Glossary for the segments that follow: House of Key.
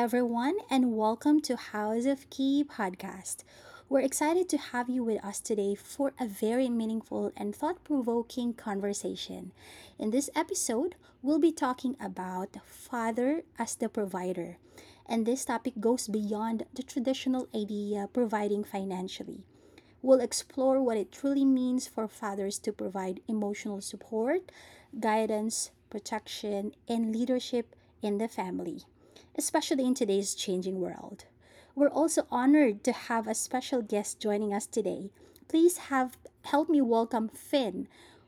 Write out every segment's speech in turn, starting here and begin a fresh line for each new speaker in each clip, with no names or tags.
everyone, and welcome to House of Key podcast. We're excited to have you with us today for a very meaningful and thought provoking conversation. In this episode, we'll be talking about Father as the Provider, and this topic goes beyond the traditional idea providing financially. We'll explore what it truly means for fathers to provide emotional support, guidance, protection, and leadership in the family, especially in today's changing world. We're also honored to have a special guest joining us today. Please have help me welcome Finn,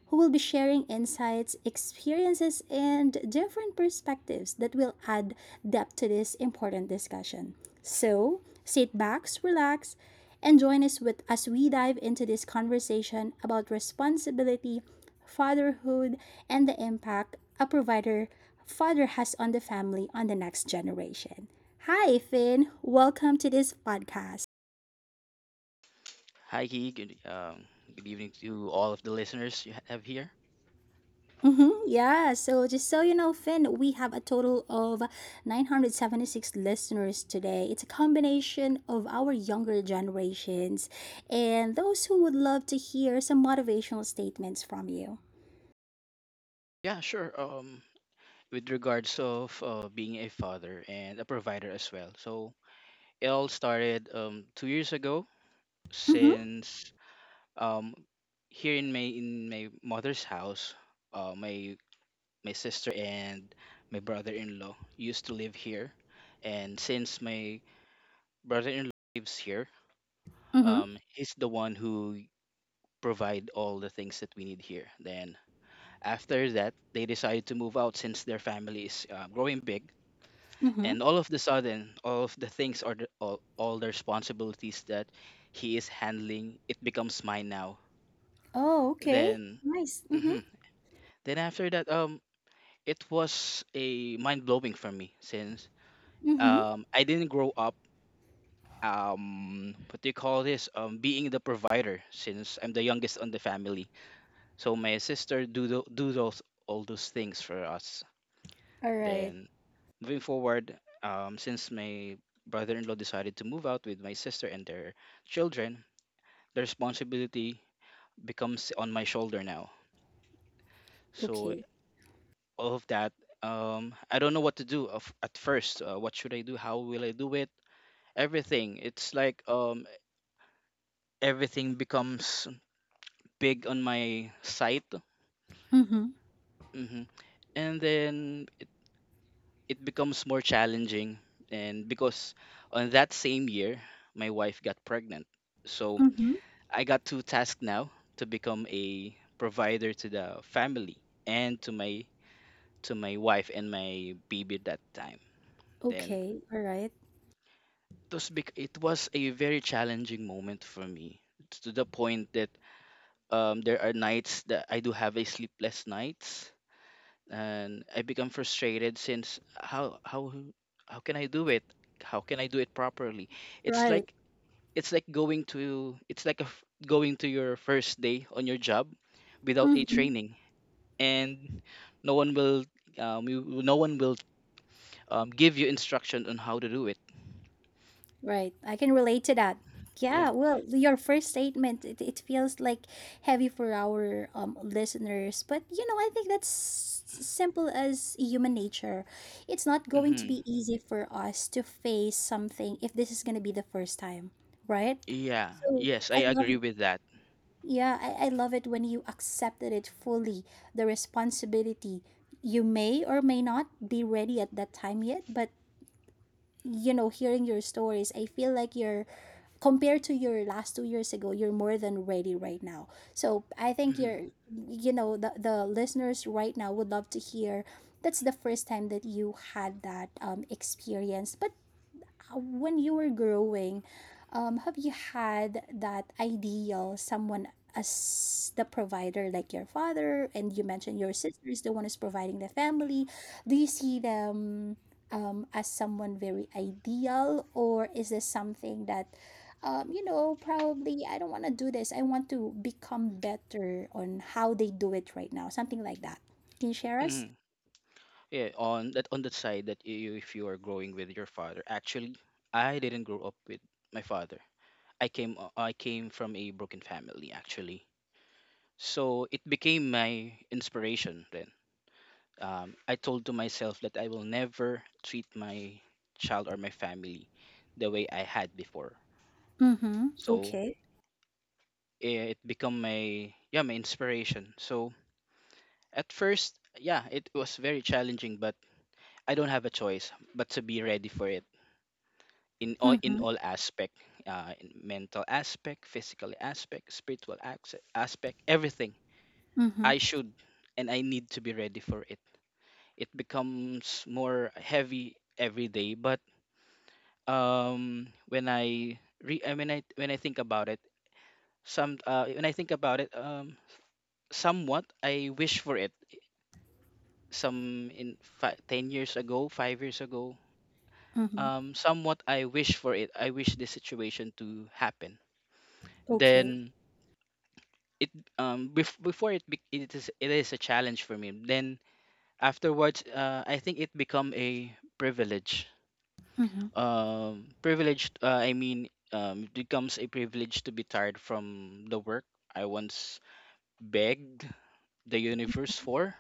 who will be sharing insights, experiences, and different perspectives that will add depth to this important discussion. So, sit back, relax, and join us with as we dive into this conversation about responsibility, fatherhood, and the impact a provider father has on the family on the next generation. Hi, Finn. Welcome to this podcast.
Hi, Key. Good, good evening to all of the listeners you have here.
Yeah, so just so you know, Finn, we have a total of 976 listeners today. It's a combination of our younger generations and those who would love to hear some motivational statements from you.
Yeah, sure. With regards of being a father and a provider as well. So it all started 2 years ago
Mm-hmm,
since um, here in my mother's house, uh, my my sister and my brother-in-law used to live here, and since my brother-in-law lives here,
mm-hmm,
he's the one who provide all the things that we need here. Then after that, they decided to move out since their family is growing big.
mm-hmm.
And all of the sudden, all of the things or all the responsibilities that he is handling, it becomes mine now.
Oh, okay.
Then,
Nice. Mm-hmm,
mhm. then after that, it was a mind blowing for me since
mm-hmm.
I didn't grow up what do you call this being the provider since I'm the youngest on the family. So my sister do do those all those things for us.
All right.
Then moving forward, since my brother-in-law decided to move out with my sister and their children, the responsibility becomes on my shoulder now. So
Okay.
all of that, I don't know what to do of, at first. What should I do? How will I do it? Everything. It's like everything becomes big on my site,
Mm-hmm,
hmm and then it becomes more challenging. And because on that same year, my wife got pregnant, so
mm-hmm.
I got two tasks now to become a provider to the family and to my wife and my baby that time. Then
Okay. All right.
it was it was a very challenging moment for me to the point that there are nights that I do have a sleepless nights and I become frustrated since how can I do it? How can I do it properly? It's
Right.
like going to it's like a f going to your first day on your job without a
Mm-hmm.
training and no one will no one will give you instruction on how to do it.
Right. I can relate to that.
Yeah.
Yeah, well, your first statement, it feels like heavy for our listeners, but I think that's simple as human nature. It's not going to
Hmm.
be easy for us to face something if this is going to be the first time, right?
Yeah,
So
yes, I
I love
agree
it.
with that.
Yeah, I love it when you accepted it fully, the responsibility. You may or may not be ready at that time yet, but you know hearing your stories, I feel like you're compared to your last 2 years ago, you're more than ready right now, so I think
Hmm.
you're, you know, the listeners right now would love to hear that's the first time that you had that experience. But when you were growing, have you had that ideal someone as the provider, like your father, and you mentioned your sister is the one who's providing the family? Do you see them as someone very ideal, or is this something that, you know, probably I don't want to do this. I want to become better on how they do it right now, something like that. Can you share us?
Hmm. Yeah, on that, on that side that you, if you are growing with your father, actually I didn't grow up with my father. I came I came from a broken family, actually, so it became my inspiration. Then I told to myself that I will never treat my child or my family the way I had before.
Mm-hmm.
So
Okay.
it become my, yeah, my inspiration. So at first, yeah, it was very challenging, but I don't have a choice but to be ready for it in all, in
Mm-hmm.
all aspect, in mental aspect, physical aspect, spiritual aspect. Everything
Mm-hmm.
I should and I need to be ready for it. It becomes more heavy every day, but when I when I, when I think about it, some, when I think about it, somewhat I wish for it, some 10 years ago, 5 years ago,
Mm-hmm.
somewhat I wish for it. I wish this situation to happen.
Okay.
Then it before it is, it is a challenge for me. Then afterwards, I think it become a privilege.
Mm-hmm.
It becomes a privilege to be tired from the work I once begged the universe for.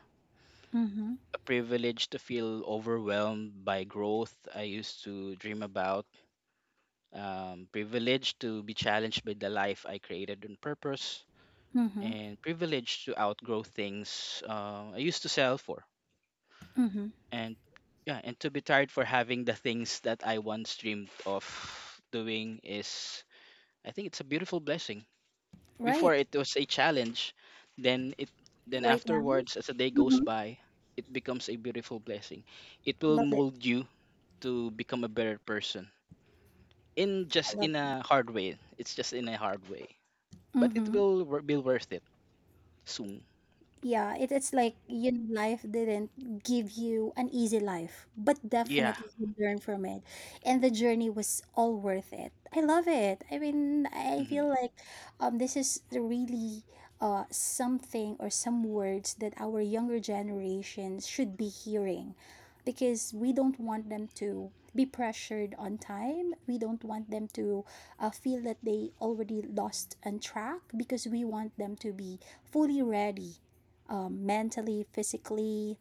Mhm,
A privilege to feel overwhelmed by growth I used to dream about, privileged to be challenged by the life I created on purpose,
mhm,
and privileged to outgrow things I used to sell for,
mhm.
and yeah, and to be tired for having the things that I once dreamed of doing is, I think it's a beautiful blessing. Before
Right,
it was a challenge, then it then
right now.
afterwards, as the day goes
Mhm.
by, it becomes a beautiful blessing. It will
Love it,
mold you to become a better person in just
I love
in
it. Them.
a hard way. It's just in a hard way, but it
Mhm.
will be worth it soon.
Yeah, it, it's like you know life didn't give you an easy life, but
Yeah.
definitely you learn from it and the journey was all worth it. I love it. I mean, I feel
Hmm.
like this is the really something or some words that our younger generations should be hearing, because we don't want them to be pressured on time. We don't want them to feel that they already lost on track, because we want them to be fully ready mentally, physically,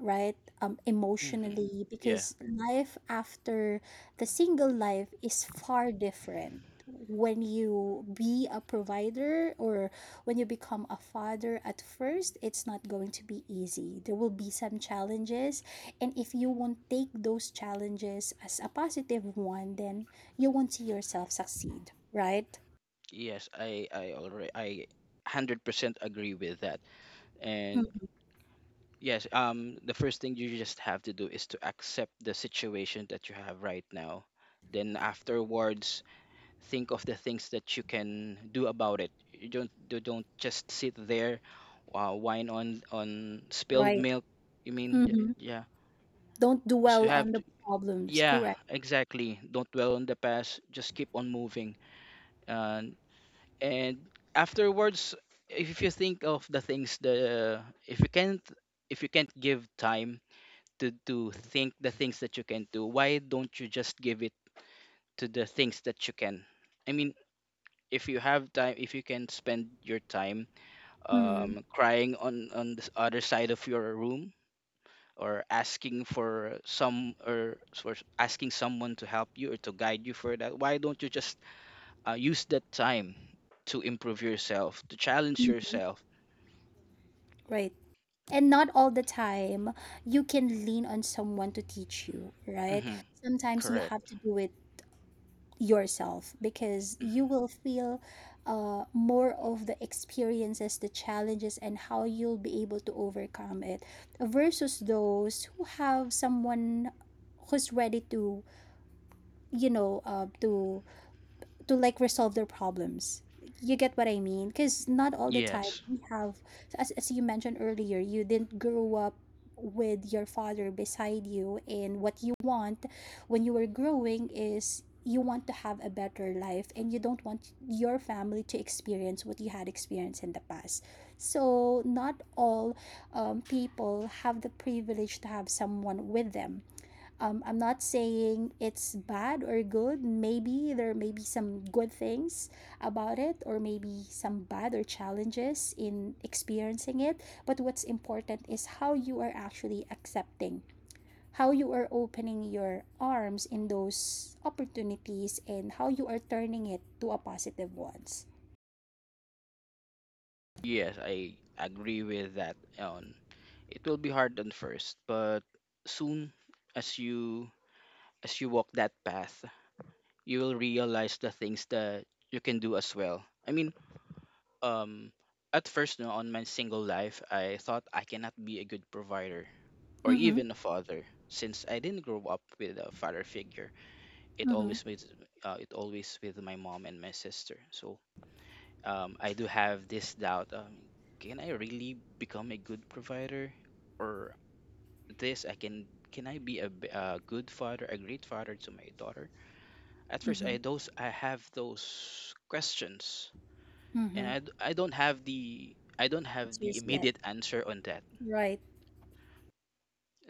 right?
Hmm.
Emotionally,
Yeah.
because life after the single life is far different. When you be a provider or when you become a father at first, it's not going to be easy. There will be some challenges. And if you won't take those challenges as a positive one, then you won't see yourself succeed, right?
Yes, I 100% agree with that. And
Mm,
yes, the first thing you just have to do is to accept the situation that you have right now. Then afterwards, think of the things that you can do about it. You don't just sit there, whine on spilled
right.
milk. You mean,
hmm
yeah.
Don't
So you
dwell
have,
on the problems,
yeah,
correct?
exactly. Don't dwell on the past. Just keep on moving. And and afterwards, if you think of the things, the if you can't, if you can't give time to think the things that you can do, why don't you just give it to the things that you can? I mean, if you have time, if you can spend your time
Mm-hmm.
crying on the other side of your room, or asking for some, or for asking someone to help you or to guide you for that, why don't you just use that time to improve yourself, to challenge
Mhm.
yourself.
Right. And not all the time you can lean on someone to teach you, right?
Hmm.
Sometimes you
Correct.
have to do it yourself because you
Mhm.
will feel more of the experiences, the challenges, and how you'll be able to overcome it versus those who have someone who's ready to, to like resolve their problems. You get what I mean? Because not all the time
Yes,
we have, as you mentioned earlier, you didn't grow up with your father beside you, and what you want when you were growing is you want to have a better life and you don't want your family to experience what you had experienced in the past. So, not all people have the privilege to have someone with them. Um, I'm not saying it's bad or good. Maybe there may be some good things about it, or maybe some bad or challenges in experiencing it. But what's important is how you are actually accepting, how you are opening your arms in those opportunities, and how you are turning it to a positive ones.
yes, I agree with that on, it will be hard at first, but soon as you, as you walk that path, you will realize the things that you can do as well. I mean, um at first, no, on my single life, I thought I cannot be a good provider or
Mm-hmm.
even a father since I didn't grow up with a father figure. It
Mm-hmm.
always with it always with my mom and my sister. So I do have this doubt, can I really become a good provider, or this, I can I be a, a good father, a great father to my daughter? At first
Mm-hmm.
I those, I have those questions and
Mm-hmm.
I don't have the, I don't have the
Answers yet.
immediate answer on that.
Right.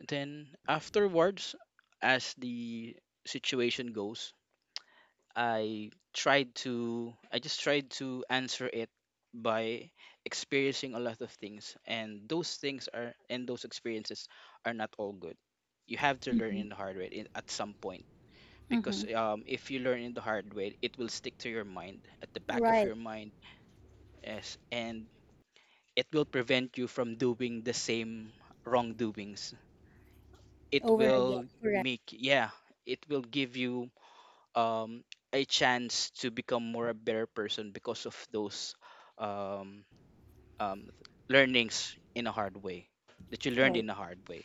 Then afterwards, as the situation goes, I tried to, I just tried to answer it by experiencing a lot of things, and those things are, and those experiences are not all good. You have to learn
Mm-hmm.
in the hard way in, at some point, because
Mm-hmm.
if you learn in the hard way, it will stick to your mind, at the back of
Right.
your mind, as and it will prevent you from doing the same wrongdoings. It
Over
will
again. Correct.
make, yeah, it will give you um a chance to become more, a better person, because of those um, um learnings in a hard way, that you learned
Right.
in a hard way.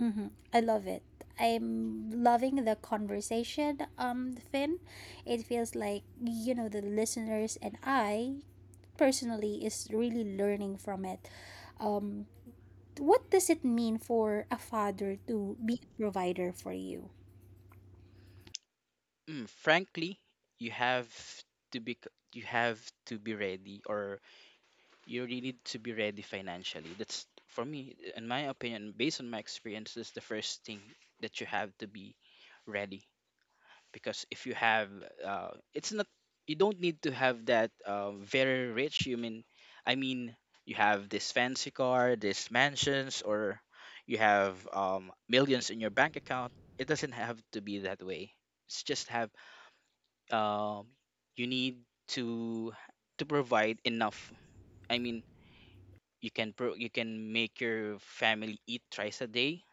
Mm-hmm. I love it. I'm loving the conversation, Finn. It feels like, you know, the listeners and I personally is really learning from it. Um, what does it mean for a father to be a provider for you?
Mm, frankly, you have to be, you have to be ready, or you really need to be ready financially. That's for me, in my opinion, based on my experience, that's the first thing that you have to be ready. Because if you have, it's not, you don't need to have that very rich. You mean, I mean, you have this fancy car, this mansions, or you have millions in your bank account. It doesn't have to be that way. It's just have, um, you need to to provide enough. I mean, you can you can make your family eat twice a day,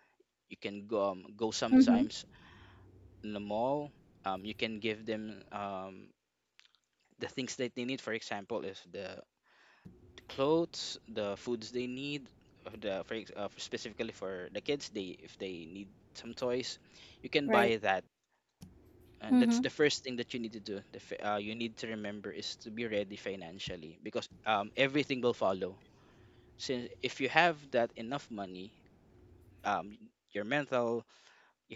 you can go, go
Mm-hmm.
sometimes in the mall, you can give them the things that they need, for example, if the clothes, the foods they need, specifically for the kids, they, if they need some toys, you can
Right.
buy that. And that's
Mm-hmm.
the first thing that you need to do, you need to remember is to be ready financially, because everything will follow, since if you have that enough money, um, your mental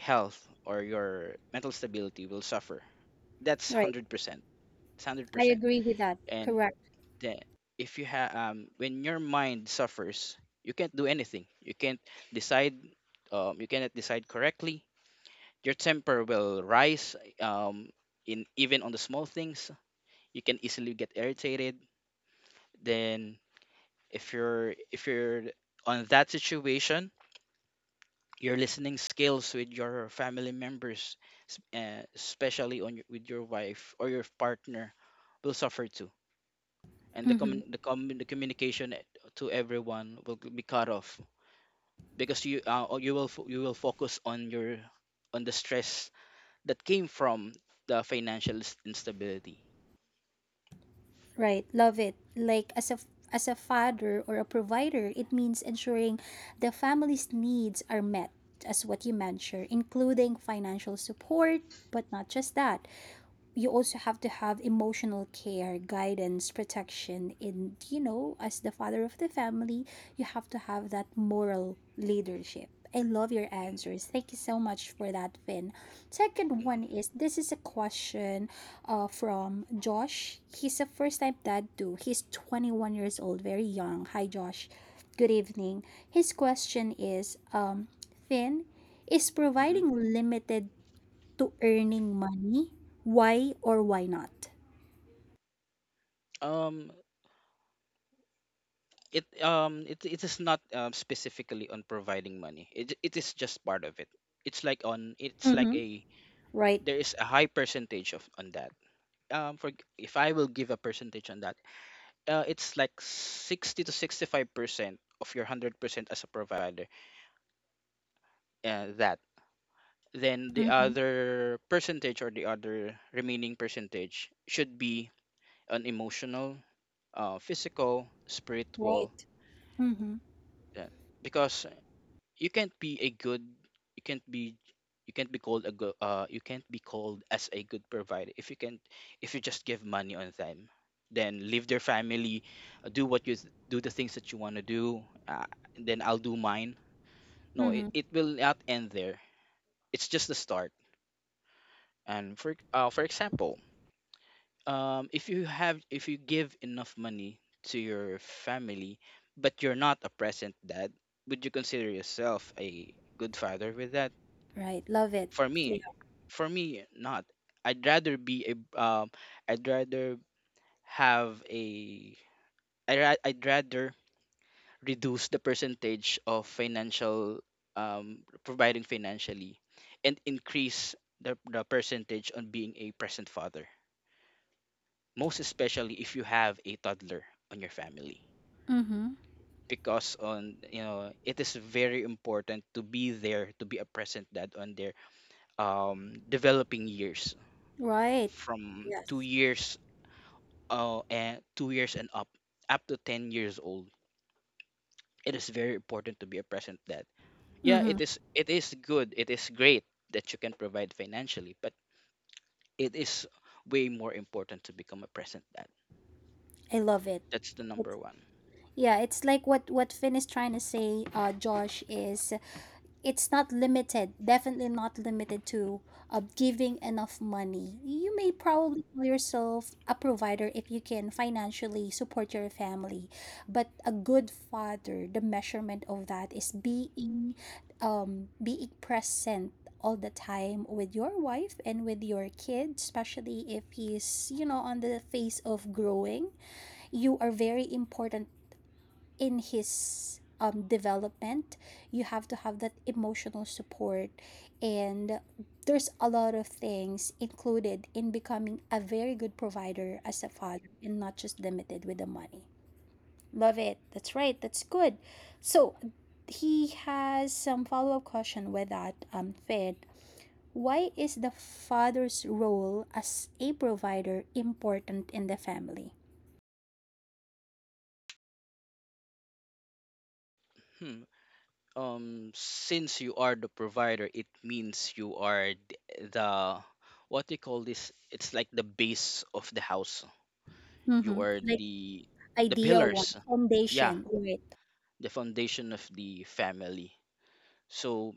health or your mental stability will suffer. That's one
Right.
hundred percent. It's one hundred
I
percent.
agree with that.
And
Correct.
then if you have when your mind suffers, you can't do anything. You can't decide. You cannot decide correctly. Your temper will rise. In even on the small things, you can easily get irritated. Then if you're, if you're on that situation, your listening skills with your family members, especially on your, with your wife or your partner, will suffer too, and the
Mm-hmm.
commun the, commun the communication to everyone will be cut off because you or you will you will focus on your, on the stress that came from the financial instability.
Right, love it. Like as a father or a provider, it means ensuring the family's needs are met, as what you mentioned, including financial support, but not just that, you also have to have emotional care, guidance, protection, and you know, as the father of the family, you have to have that moral leadership. I love your answers. Thank you so much for that, Finn. Second
Hmm.
one is, this is a question from Josh. He's a first time dad too. He's 21 years old, very young. Hi, Josh. Good evening. His question is, Finn, is
Hmm.
providing limited to earning money. Why or why not?
Um, it, it, it is not specifically on providing money. It is just part of it. It's like on, it's like
Mm-hmm.
a,
Right.
there is a high percentage of on that. For if I will give a percentage on that, it's like 60 to 65% of your 100% as a provider. That, then the
Mm-hmm.
other percentage or the other remaining percentage should be an emotional, physical, spiritual.
Right. Mm-hmm.
Uh, because you can't be a good you can't be you can't be called as a good provider. If you can if you just give money on them, then leave their family, uh, do what you do the things that you want to do, uh, then I'll do mine. No, it,
Mm-hmm.
it will not end there. It's just the start. And for example, if you give enough money to your family, but you're not a present dad, would you consider yourself a good father with that?
Right. Love it.
for
Yeah.
me for me not. i'd rather be a um i'd rather have a I'd rather reduce the percentage of financial, providing financially, and increase the percentage on being a present father, most especially if you have a toddler on your family,
Mm-hmm.
because on you know it is very important to be there, to be a present dad on their developing years,
Right.
from two
Yes.
years and 2 years and up to 10 years old. It is very important to be a present dad. Yeah,
Mm-hmm.
it is. It is good. It is great that you can provide financially, but it is way more important to become a present dad.
I love it.
That's the
It's
number one.
yeah, it's like what Finn is trying to say, Josh, is it's not limited, definitely not limited to giving enough money. You may probably call yourself a provider if you can financially support your family, but a good father, the measurement of that is being being present all the time with your wife and with your kid, especially if he's, you know, on the phase of growing. You are very important in his development. You have to have that emotional support and there's a lot of things included in becoming a very good provider as a father and not just limited with the money. Love it. That's right, that's good. So he has some follow-up question with that. Um, fed why is the father's role as a provider important in the family?
Hmm. Since you are the provider, it means you are the, what do you call this? It's like the base of the house. You
Mm-hmm.
are
Like
the
ideal one,
pillars. Yeah,
foundation, right?
the foundation of the family. So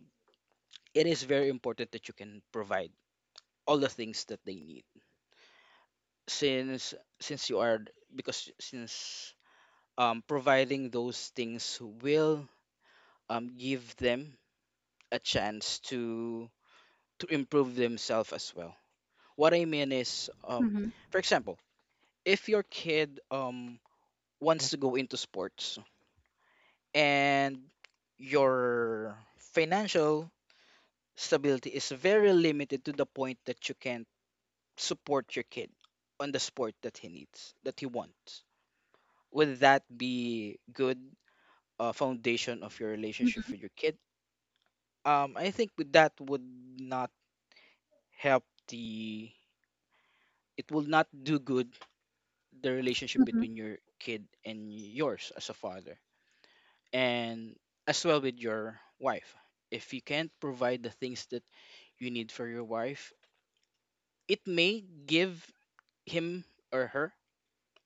it is very important that you can provide all the things that they need, since you are, because, since providing those things will, give them a chance to improve themselves as well. What I mean is, for example, if your kid wants to go into sports, and your financial stability is very limited, to the point that you can support your kid on the sport that he needs, that he wants. Would that be good, foundation of your relationship
Mhm,
with your kid? I think with that would not help the. It will not do good the relationship
mhm,
between your kid and yours as a father, and as well with your wife. If you can't provide the things that you need for your wife, it may give him or her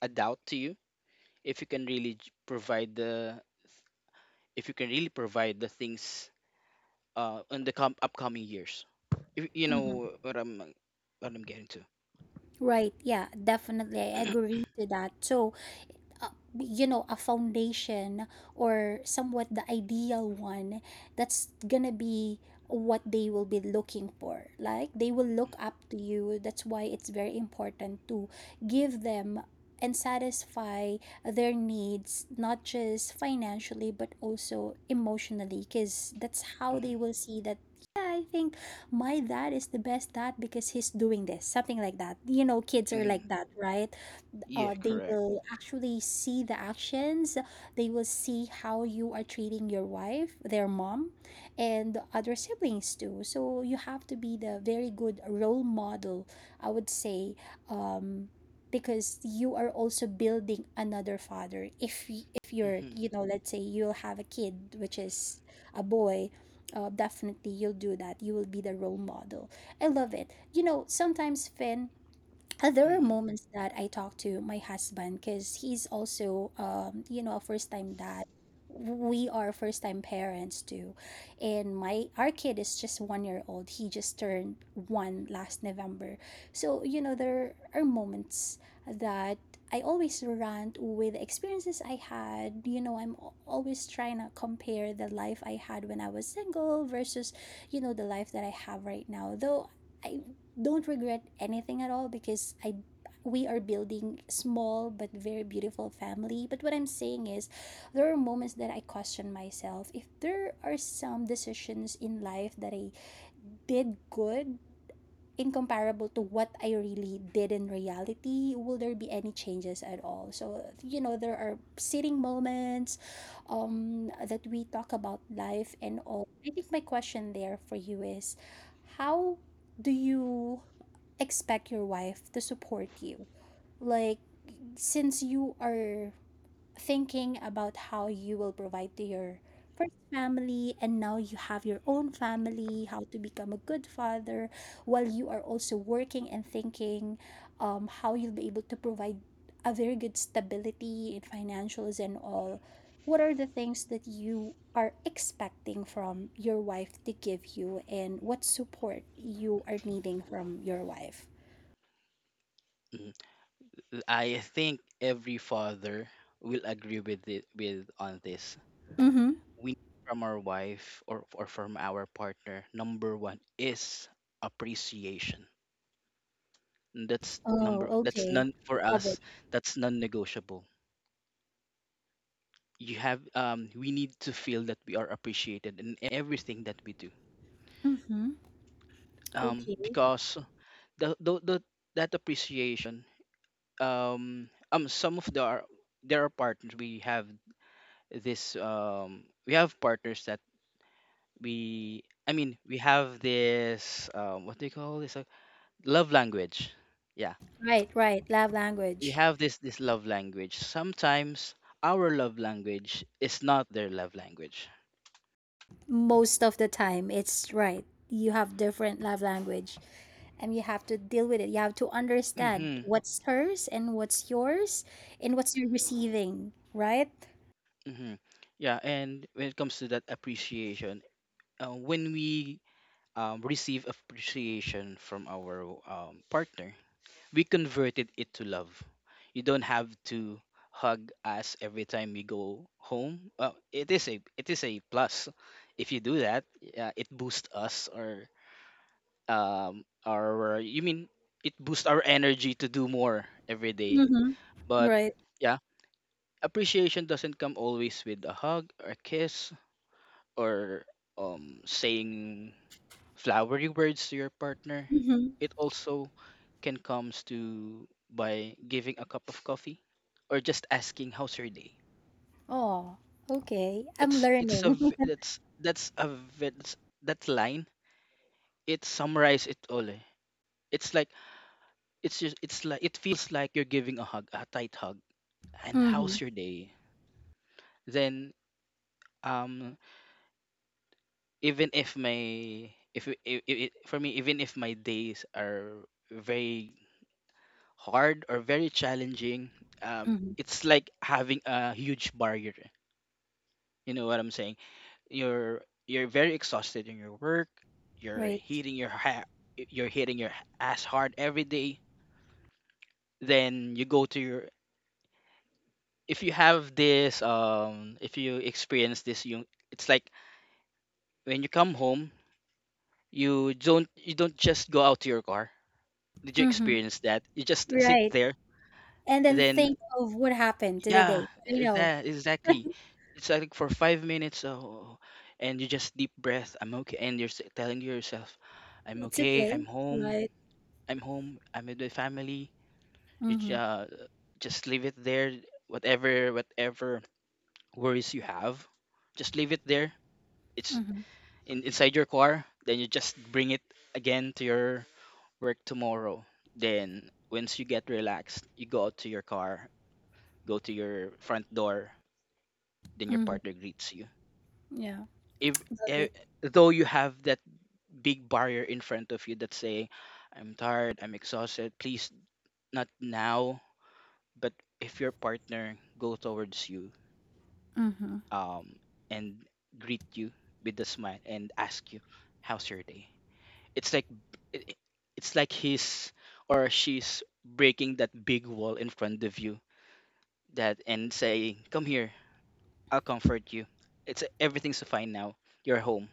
a doubt to you if you can really provide the things in the upcoming years, if, you
mhm.
know what I'm getting to.
Right. Yeah, definitely. I agree to that. So, uh, you know, a foundation or somewhat the ideal one, that's gonna be what they will be looking for. Like, they will look up to you, that's why it's very important to give them and satisfy their needs, not just financially but also emotionally, because that's how
Mm-hmm.
they will see that, yeah, I think my dad is the best dad because he's doing this, something like that. You know, kids are like
Hmm.
that, right?
Yeah.
Uh, they
Correct.
will actually see the actions, they will see how you are treating your wife, their mom, and other siblings too. So you have to be the very good role model, I would say, um, because you are also building another father. If you're,
Mm-hmm.
you know, let's say you'll have a kid which is a boy, definitely you'll do that, you will be the role model. I love it. You know, sometimes Finn, there are
Mm-hmm.
moments that I talk to my husband because he's also, you know, a first time dad. We are first time parents too, and my our kid is just 1 year old. He just turned one last November, so you know there are moments that I always rant with experiences I had. You know, I'm always trying to compare the life I had when I was single versus, you know, the life that I have right now. Though I don't regret anything at all because I we are building small but very beautiful family. But what I'm saying is, there are moments that I question myself if there are some decisions in life that I did good, incomparable to what I really did in reality, will there be any changes at all. So you know, there are sitting moments that we talk about life and all. I think my question there for you is, how do you expect your wife to support you? Like, since you are thinking about how you will provide to your first family and now you have your own family, how to become a good father, while you are also working and thinking how you'll be able to provide a very good stability in financials and all. What are the things that you are expecting from your wife to give you, and what support you are needing from your wife?
Hmm. I think every father will agree with it, with on this.
Mm-hmm.
We need, from our wife or from our partner, number one is appreciation. that's number
Oh,
that's
okay.
none for
Love it.
us, that's non-negotiable. You have We need to feel that we are appreciated in everything that we do,
Mm-hmm. Okay.
because the that appreciation, some of the our- there are partners, we have partners that we, I mean, we have this what do you call this, love language. Yeah,
Right, right. Love
we
language.
have this love language. Sometimes our love language is not their love language.
Most of the time, it's right. You have different love language and you have to deal with it. You have to understand
Mm-hmm.
what's hers and what's yours and what's you're receiving, right?
Hmm. Yeah, and when it comes to that appreciation, when we, receive appreciation from our partner, we converted it to love. You don't have to hug us every time we go home. It is a, plus if you do that. It boosts us, or our you mean it boosts our energy to do more every day.
Mm-hmm.
But
Right.
yeah, appreciation doesn't come always with a hug or a kiss or, saying flowery words to your partner.
Mm-hmm.
It also can comes to by giving a cup of coffee or just asking how's your day.
Oh, okay. I'm
That's it's a
learning.
v- that's that's a that's that line. It summarizes it all. Eh. It's like it's just it's like it feels like you're giving a hug, a tight hug. And
Mm-hmm.
how's your day? Then, um even if my, if for me, even if my days are very hard or very challenging, um,
Mm-hmm.
it's like having a huge barrier. You know what I'm saying? You're very exhausted in your work. You're
Right.
hitting your ha- you're hitting your ass hard every day. Then you go to your, if you experience this you it's like when you come home, you don't just go out to your car. Did you
Mm-hmm.
experience that? You just sit
Right.
there.
And then
Then,
think of what happened to the
yeah,
day.
that exactly. It's like for 5 minutes, oh, and you just deep breath. I'm okay, and you're telling yourself, "I'm
It's
okay.
okay,
I'm home.
right?
I'm home. I'm with my family." You j-
Mm-hmm.
uh, just leave it there. Whatever, worries you have, just leave it there. It's
Mm-hmm.
inside your car. Then you just bring it again to your work tomorrow. Then once you get relaxed, you go out to your car, go to your front door. Then your
Mm-hmm.
partner greets you,
Yeah.
if,
Love
eh,
it.
though you have that big barrier in front of you that's saying, "I'm tired, I'm exhausted, please not now." But if your partner go towards you,
Mm-hmm.
um and greet you with a smile, and ask you how's your day, it's like b- I- it's like he's or she's breaking that big wall in front of you, that and saying, "Come here, I'll comfort you, everything's fine now. You're home."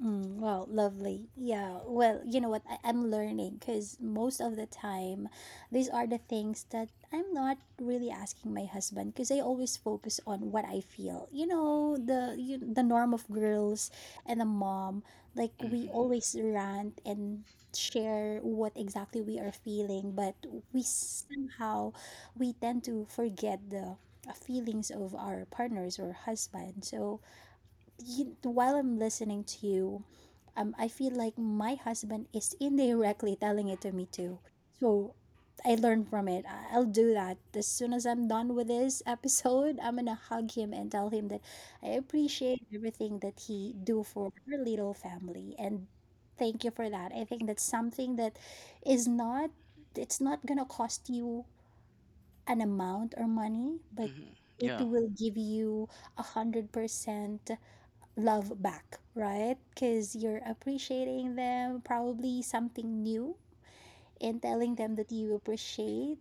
Well, lovely. Yeah. Well, you know what? I'm learning because most of the time, these are the things that I'm not really asking my husband because I always focus on what I feel. The the norm of girls and the mom, like we
Hmm.
always rant and share what exactly we are feeling, but we somehow we tend to forget the feelings of our partners or husband. So, while I'm listening to you, I feel like my husband is indirectly telling it to me too. So I learned from it. I'll do that. As soon as I'm done with this episode, I'm gonna hug him and tell him that I appreciate everything that he do for her little family, and thank you for that. I think that's something that is not it's not gonna cost you an amount or money, but
Hmm.
it
Yeah.
will give you 100% love back, right? Because you're appreciating them, probably something new, and telling them that you appreciate,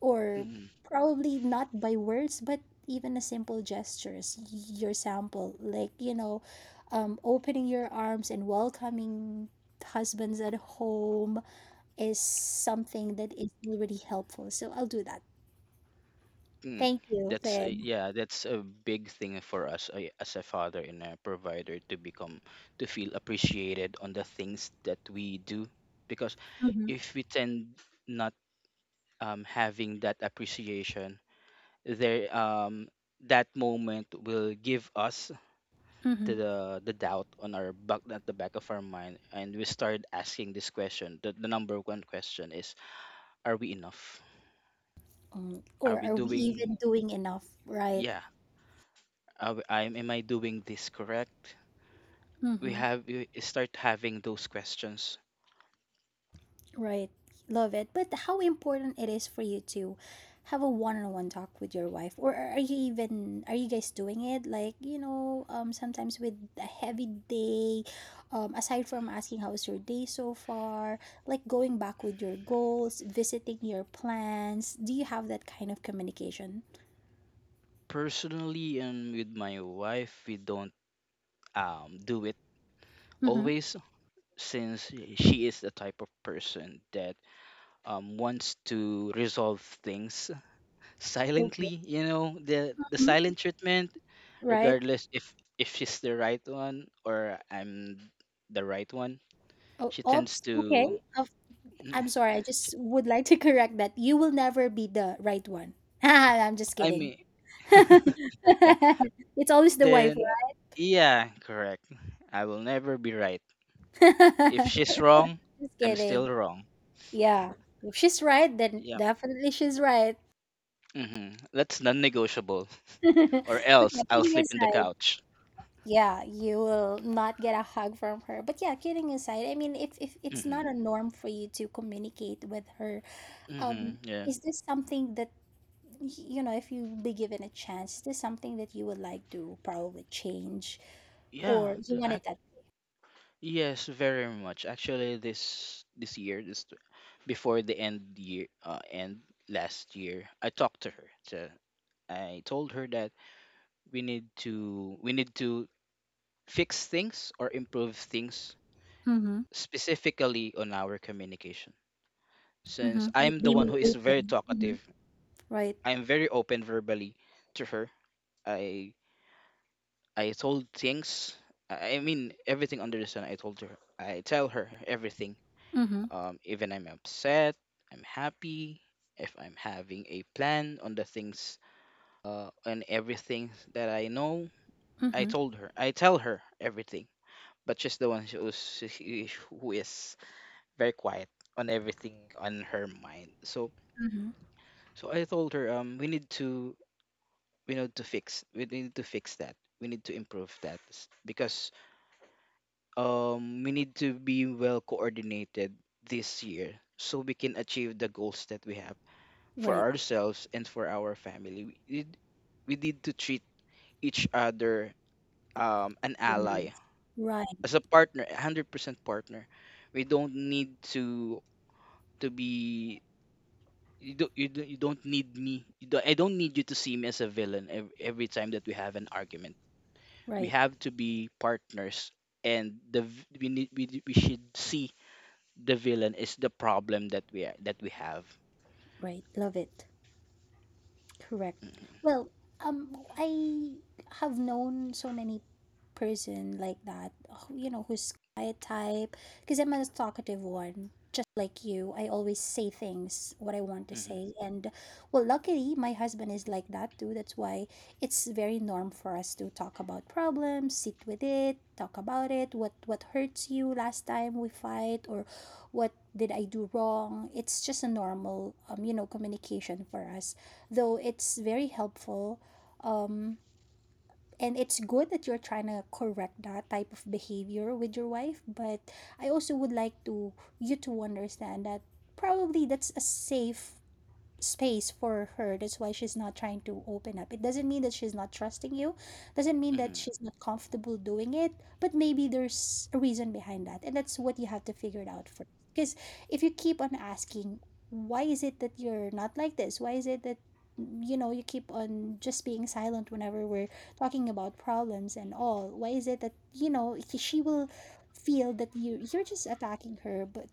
or
Mm-hmm.
probably not by words, but even a simple gestures, your sample, like, opening your arms and welcoming husbands at home is something that is already helpful. So I'll do that.
Mm,
Thank you,
that's a,
Finn.
yeah, that's a big thing for us, as a father and a provider, to feel appreciated on the things that we do. Because
Mm-hmm.
if we tend not, having that appreciation there, that moment will give us
Mm-hmm.
the, doubt, on our back, at the back of our mind. And we start asking this question, the number one question is, are we enough, are
Or
we
are we
doing,
even doing enough, right?
yeah, am I doing this correct? we
Mm-hmm.
have we start having those questions
Right. Love it. But how important it is for you to have a one-on-one talk with your wife, or are you guys doing it, like, sometimes with a heavy day, aside from asking how's your day so far, like going back with your goals, visiting your plans, do you have that kind of communication?
personally. And with my wife, we don't, do it
Mm-hmm.
always, since she is the type of person that wants to resolve things
Okay.
silently. You know, the
Mhm.
silent treatment,
Right.
regardless if she's the right one or I'm the right one.
Oh,
She tends
oops. Okay.
to
Of- I'm sorry, I
she-
just would like to correct that you will never be the right one. I'm just
I
kidding.
mean yeah.
It's always the wife,
Then,
right?
yeah, correct. I will never be right. If she's
Just
wrong, I'm
kidding.
still wrong.
Yeah. If she's right, then
Yeah.
definitely she's right.
Hmm. That's non-negotiable, or
But yeah,
else I'll
kidding
sleep in the
aside,
couch.
yeah, you will not get a hug from her. But yeah, kidding aside, I mean, if it's not
Hmm.
a norm for you to communicate with her, um,
Hmm. Yeah.
is this something that if you be given a chance, is this something that you would like to probably change,
Yeah.
or you want it that?
Yes, very much. Actually, this before the end year, end last year, I talked to her. So I told her that we need to, fix things or improve things,
Mm-hmm.
specifically on our communication, since
Mm-hmm.
I'm
it
the
Be
one
more
who is very
open. Mm-hmm.
talkative.
Right.
I'm very open verbally to her. I I told things. I mean everything under the sun. I told her. I tell her everything.
Mm-hmm.
Even I'm upset. I'm happy. If I'm having a plan on the things, on everything that I know, I
Mm-hmm.
told her. I tell her everything. But she's the one who is very quiet on everything on her mind. So
Mm-hmm.
so I told her, we need to, we need to fix that we need to improve that, because we need to be well coordinated this year, so we can achieve the goals that we have for
Right.
ourselves and for our family. We need, we need to treat each other, an
Ordinary.
ally,
Right,
as a partner, a 100% partner. We don't need to be you don't, I don't need you to see me as a villain. Every time that we have an argument, we
right,
have to be partners, and we should see the villain is the problem that we have.
right. Love it. Correct.
Hmm.
Well, I have known so many person like that, who's quiet type. Because I'm a talkative one, just like you. I always say things what I want to
Hmm.
say, and well, luckily my husband is like that too. That's why it's very norm for us to talk about problems, sit with it, talk about it. What hurts you last time we fight, or what did I do wrong? It's just a normal, communication for us, though it's very helpful, um and it's good that you're trying to correct that type of behavior with your wife, but I also would like to you to understand that probably that's a safe space for her, that's why she's not trying to open up. It doesn't mean that she's not trusting you, doesn't mean that
Hmm.
she's not comfortable doing it, but maybe there's a reason behind that, and that's what you have to figure it out first. Because if you keep on asking, why is it that you're not like this, why is it that you keep on just being silent whenever we're talking about problems and all, why is it that she will feel that you're just attacking her, but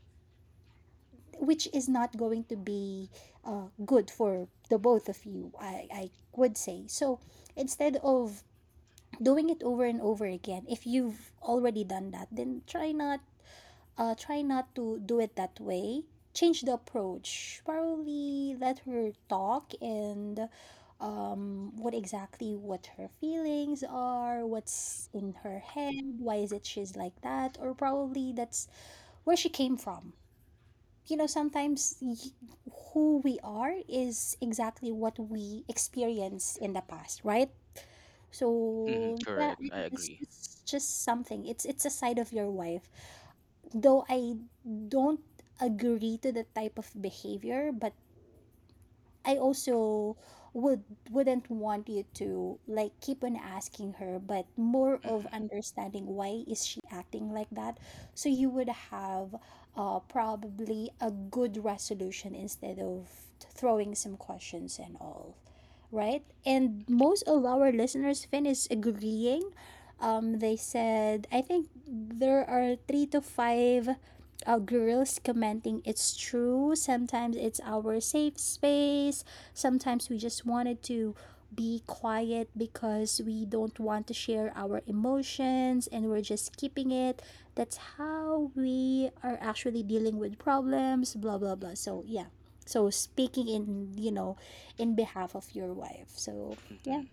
which is not going to be good for the both of you, I would say. So instead of doing it over and over again, if you've already done that, then try not to do it that way. Change the approach, probably let her talk, and what her feelings are, what's in her head, why is it she's like that, or probably that's where she came from. You know, sometimes y- who we are is exactly what we experienced in the past, right?
Hmm.
So yeah,
Correct.
I
I
think it's,
agree.
it's just something, it's a side of your wife. Though I don't agree to the type of behavior, but I also would wouldn't want you to, like, keep on asking her, but more of
Hmm.
understanding why is she acting like that. So you would have probably a good resolution, instead of throwing some questions and all, right? And most of our listeners, Finn, is agreeing. They said I think there are three to five girls commenting, it's true, sometimes it's our safe space, sometimes we just wanted to be quiet because we don't want to share our emotions, and we're just keeping it, that's how we are actually dealing with problems, blah blah blah. So yeah, so speaking, in in behalf of your wife, so yeah.
Hmm.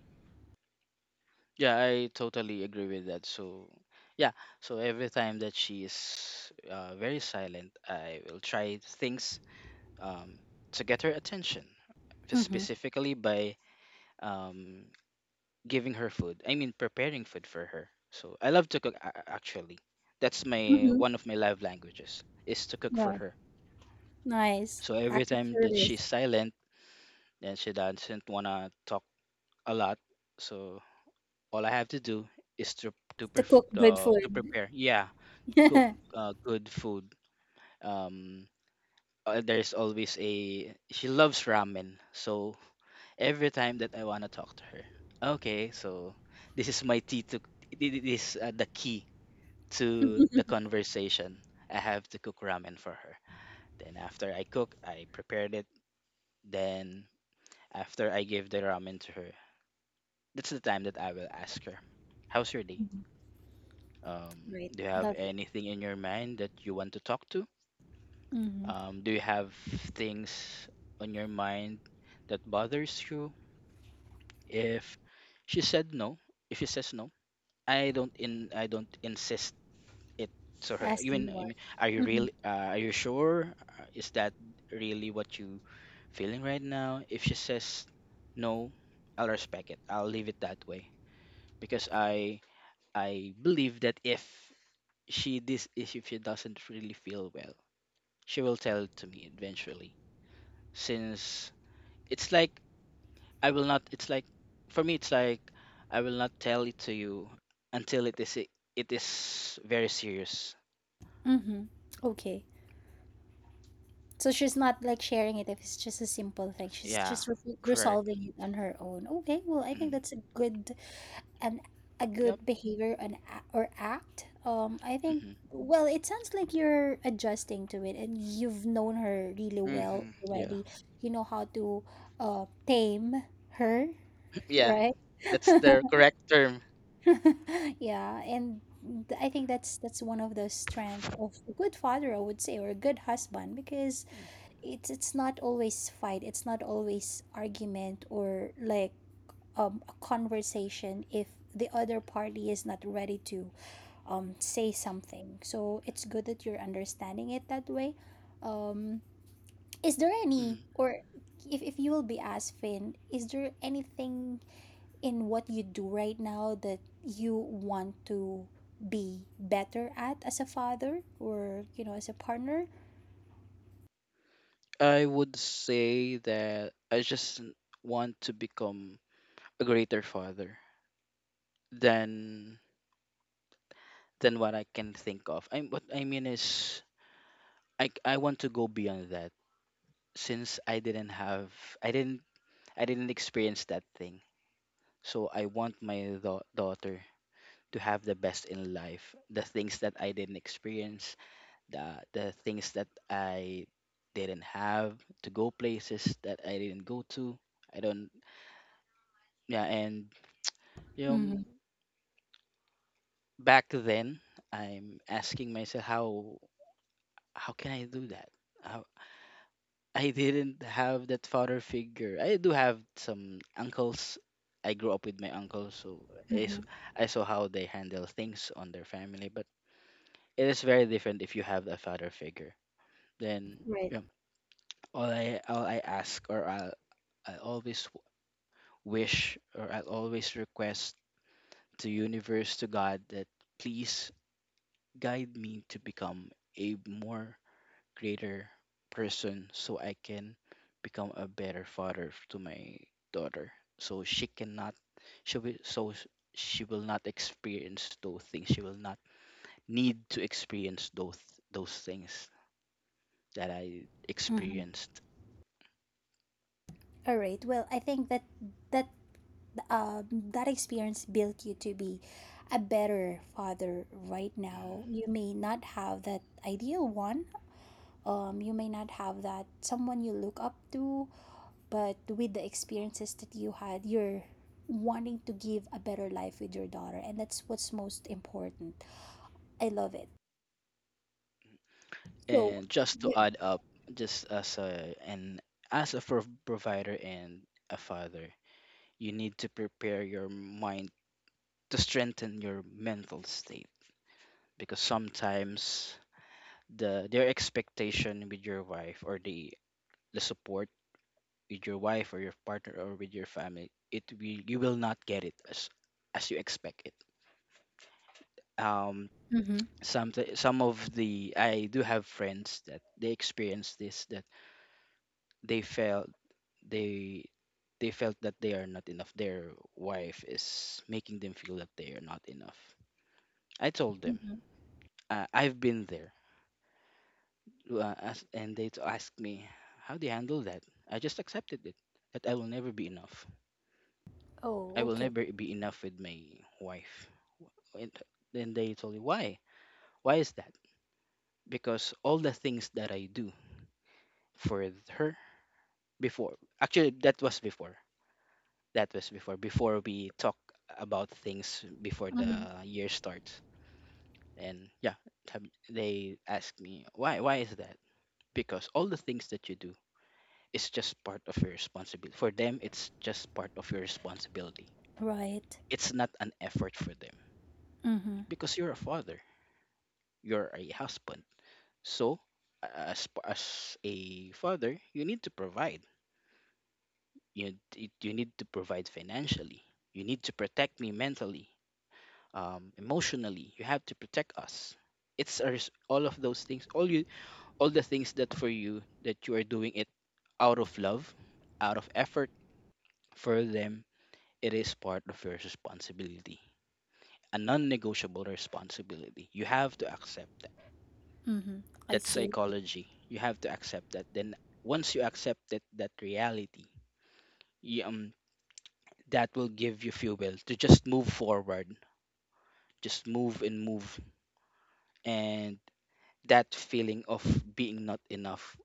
Yeah. I totally agree with that. So yeah, so every time that she is, very silent, I will try things, um, to get her attention,
Mm-hmm.
specifically by um, giving her food. I mean, preparing food for her. So I love to cook. Actually, that's my
Mm-hmm.
one of my love languages, is to cook for
Yeah,
her.
nice,
So every
act of
time that
service
she's silent and she doesn't wanna talk a lot, so all I have to do is
to cook good
to
food.
prepare. Yeah, cook, good food. Um, there's always a She loves ramen. So every time that I wanna talk to her, okay, so this is my tea to this is, the key to the conversation. I have to cook ramen for her. Then after I cook, I prepared it. Then after I give the ramen to her, that's the time that I will ask her, "How's your day?
Right.
Do you have
Love it.
anything in your mind that you want to talk to?
Mm-hmm.
Do you have things on your mind that bothers you?" If she said no, if she says no, I don't insist it to her.
Asking
I
more.
mean, are you
Mm-hmm.
really? Are you sure? Is that really what you feeling right now? If she says no, I'll respect it. I'll leave it that way because I believe that if she doesn't really feel well, she will tell it to me eventually. Since it's like I will not. It's like for me, it's like I will not tell it to you until it is very serious.
Mm-hmm. Okay. So she's not like sharing it if it's just a simple thing. She's
Yeah,
just re-
correct.
resolving it on her own. Okay. Well, I think
Mm-hmm.
that's a good an a
Yep.
good behavior and or act. I think.
hmm
Well, it sounds like you're adjusting to it, and you've known her really well
Yeah.
already. You know how to tame her,
Yeah,
right?
that's the correct term.
Yeah, and I think that's one of the strength of a good father, I would say, or a good husband, because it's not always fight, it's not always argument, or like a conversation if the other party is not ready to say something. So it's good that you're understanding it that way. Um, is there any,
Mm.
or if you will be asked, Finn, is there anything in what you do right now that you want to be better at as a father, or as a partner?
I would say that I just want to become a greater father than what I can think of. I what I mean is I want to go beyond that since I didn't I didn't experience that thing. So I want my daughter to have the best in life, the things that I didn't experience, the things that I didn't have, to go places that I didn't go to. I don't yeah and You know,
Mm-hmm.
back then I'm asking myself, how can I do that? How? I didn't have that father figure. I do have some uncles. I grew up with my uncles, so I,
Mm-hmm.
s- I saw how they handle things on their family. But it is very different if you have a father figure. Then
Right.
yeah, all I ask, or I always wish, or I always request to universe, to God, that please guide me to become a more greater person so I can become a better father to my daughter so she cannot she will so sh- she will not experience those things, she will not need to experience those things that I
Mm-hmm.
experienced.
All right. Well, I think that that um, that experience built you to be a better father right
Mm-hmm.
now. You may not have that ideal one, you may not have that someone you look up to, but with the experiences that you had, you're wanting to give a better life with your daughter, and that's what's most important. I love it. So,
And just to
yeah.
add up, just as a and as a provider and a father, you need to prepare your mind to strengthen your mental state, because sometimes their expectation with your wife, or the support with your wife or your partner or with your family, it will you will not get it as you expect it. Um,
Mm-hmm.
some of the, I do have friends that they experience this, that they felt they they felt that they are not enough. Their wife is making them feel that they are not enough. I told them,
Mm-hmm.
I've been there. And they asked me, "How do you handle that?" I just accepted it, that I will never be enough. I
Oh,
will
okay.
never be enough with my wife. And then they told me, "Why? Why is that?" Because all the things that I do for her before, actually, that was before. That was before, before we talk about things before
Mm-hmm.
the year starts. And yeah, have- they ask me, "Why? Why is that?" Because all the things that you do is just part of your responsibility. For them, it's just part of your responsibility.
Right.
It's not an effort for them,
Mm-hmm.
because you're a father, you're a husband. So as a father, you need to provide. You need to provide financially, you need to protect me mentally, emotionally, you have to protect us. All of those things, all the things that for you that you are doing it out of love, out of effort for them, it is part of your responsibility, a non-negotiable responsibility. You have to accept that.
Mm-hmm. I
That's
see.
psychology. You have to accept that. Then once you accept that reality, you, um, that will give you fuel well to just move forward, just move and move, and that feeling of being not enough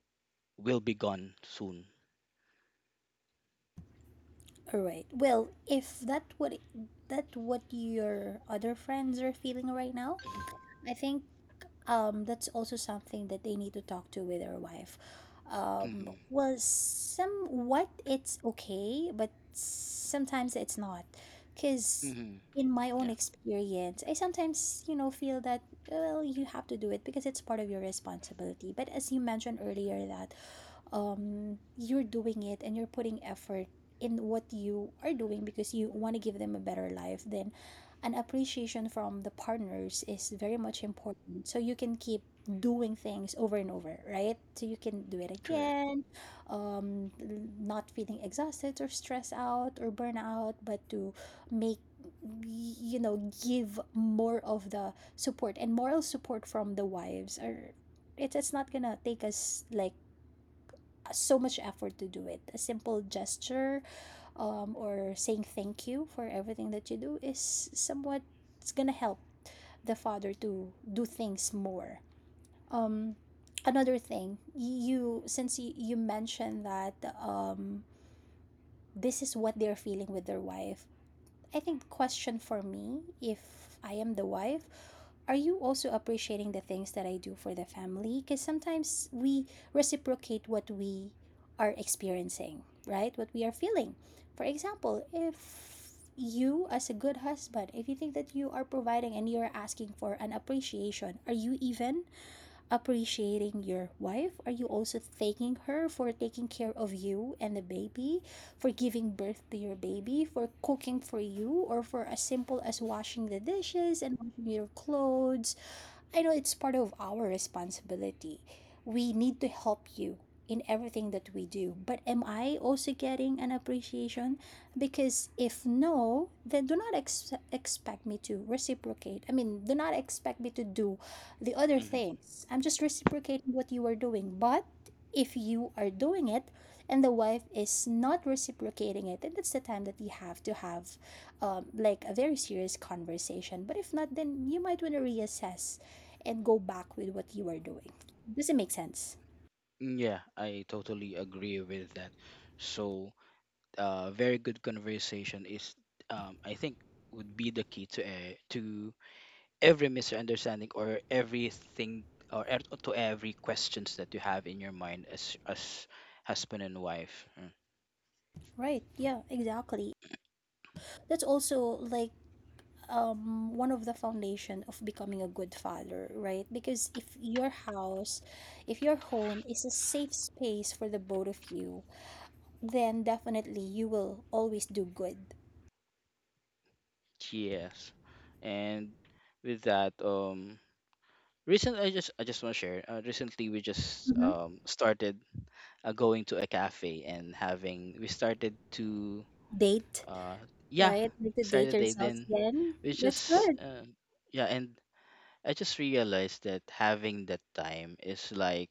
will be gone soon.
All right. Well, if that what that what your other friends are feeling right now, I think that's also something that they need to talk to with their wife.
hmm hmm
Well, some what it's okay, but sometimes it's not. Because
hmm
in my own
Yeah,
experience, I sometimes, feel that, well, you have to do it because it's part of your responsibility. But as you mentioned earlier, that you're doing it and you're putting effort in what you are doing because you want to give them a better life, then an appreciation from the partners is very much important. So you can keep doing things over and over, right? So you can do it
correct.
again, um, not feeling exhausted or stressed out or burnout, but to make, you know give more of the support and moral support from the wives, or it's not gonna take us like so much effort to do it. A simple gesture, or saying thank you for everything that you do, is somewhat it's gonna help the father to do things more. Um, another thing, you since you mentioned that, um, this is what they're feeling with their wife, I think question for me, if I am the wife, are you also appreciating the things that I do for the family? Because sometimes we reciprocate what we are experiencing, right? What we are feeling. For example, if you, as a good husband, if you think that you are providing and you're asking for an appreciation, are you even appreciating your wife? Are you also thanking her for taking care of you and the baby, for giving birth to your baby, for cooking for you, or for as simple as washing the dishes and washing your clothes? I know it's part of our responsibility. We need to help you in everything that we do. But am I also getting an appreciation? Because if no, then do not expect me to reciprocate. I mean, do not expect me to do the other
Mm-hmm.
things. I'm just reciprocating what you are doing. But if you are doing it and the wife is not reciprocating it, then that's the time that you have to have like a very serious conversation. But if not, then you might want to reassess and go back with what you are doing. Does it make sense?
Mm. Yeah, I totally agree with that. So, very good conversation is, I think, would be the key to, to every misunderstanding or everything, or to every questions that you have in your mind as husband and wife. Mm.
Right. Yeah, exactly. That's also like one of the foundation of becoming a good father, right? Because if your house, if your home is a safe space for the both of you, then definitely you will always do good.
Yes, and with that, recent I just want to share. Recently, we just
Mm-hmm.
started going to a cafe and having, we started to
Date,
uh yeah,
right? Like to date
Saturday,
yourselves
then
again.
we
That's
just
good.
yeah, and I just realized that having that time is like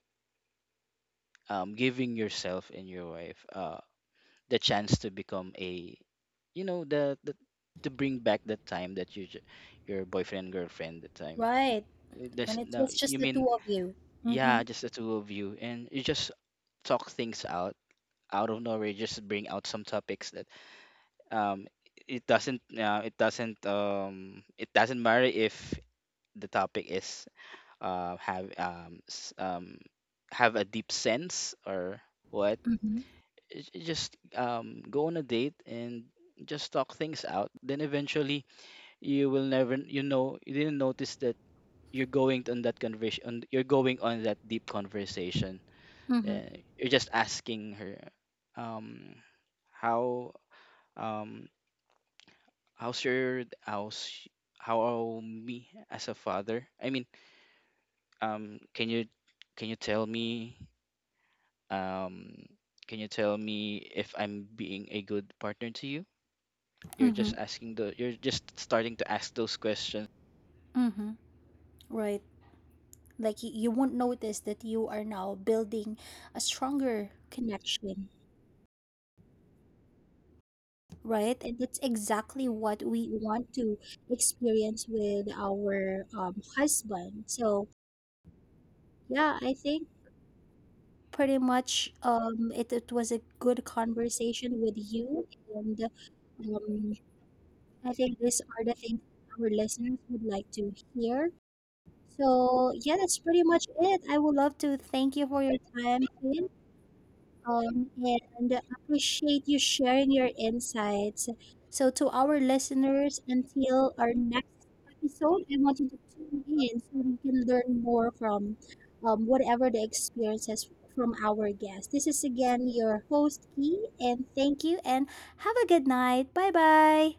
giving yourself and your wife the chance to become a, you know, the, to bring back that time that your boyfriend and girlfriend the time.
Right.
There's
When it
no
was just
you
the
mean
two of you.
Yeah, just the two of you, and you just talk things out, out of nowhere, you just bring out some topics that um it doesn't, it doesn't, it doesn't matter if the topic is have have a deep sense or what.
Mm-hmm.
Just go on a date and just talk things out, then eventually you will never, you know, you didn't notice that you're going on that conversation, on, you're going on that deep conversation.
Mm-hmm.
uh, you're just asking her um how, um how's your, how's how me as a father? I mean, can you, can you tell me, um can you tell me if I'm being a good partner to you?
Mm-hmm.
You're just starting to ask those
Mm-hmm. Right. Like you won't notice that you are now building a stronger connection, right? And that's exactly what we want to experience with our, husband. So, yeah, I think pretty much, it was a good conversation with you. And um, I think these are the things our listeners would like to hear. So, yeah, that's pretty much it. I would love to thank you for your time, Ian, and I appreciate you sharing your insights. So, to our listeners, until our next episode, I want you to tune in so we can learn more from, whatever the experiences from our guests. This is again your host, Key, and thank you, and have a good night. Bye bye.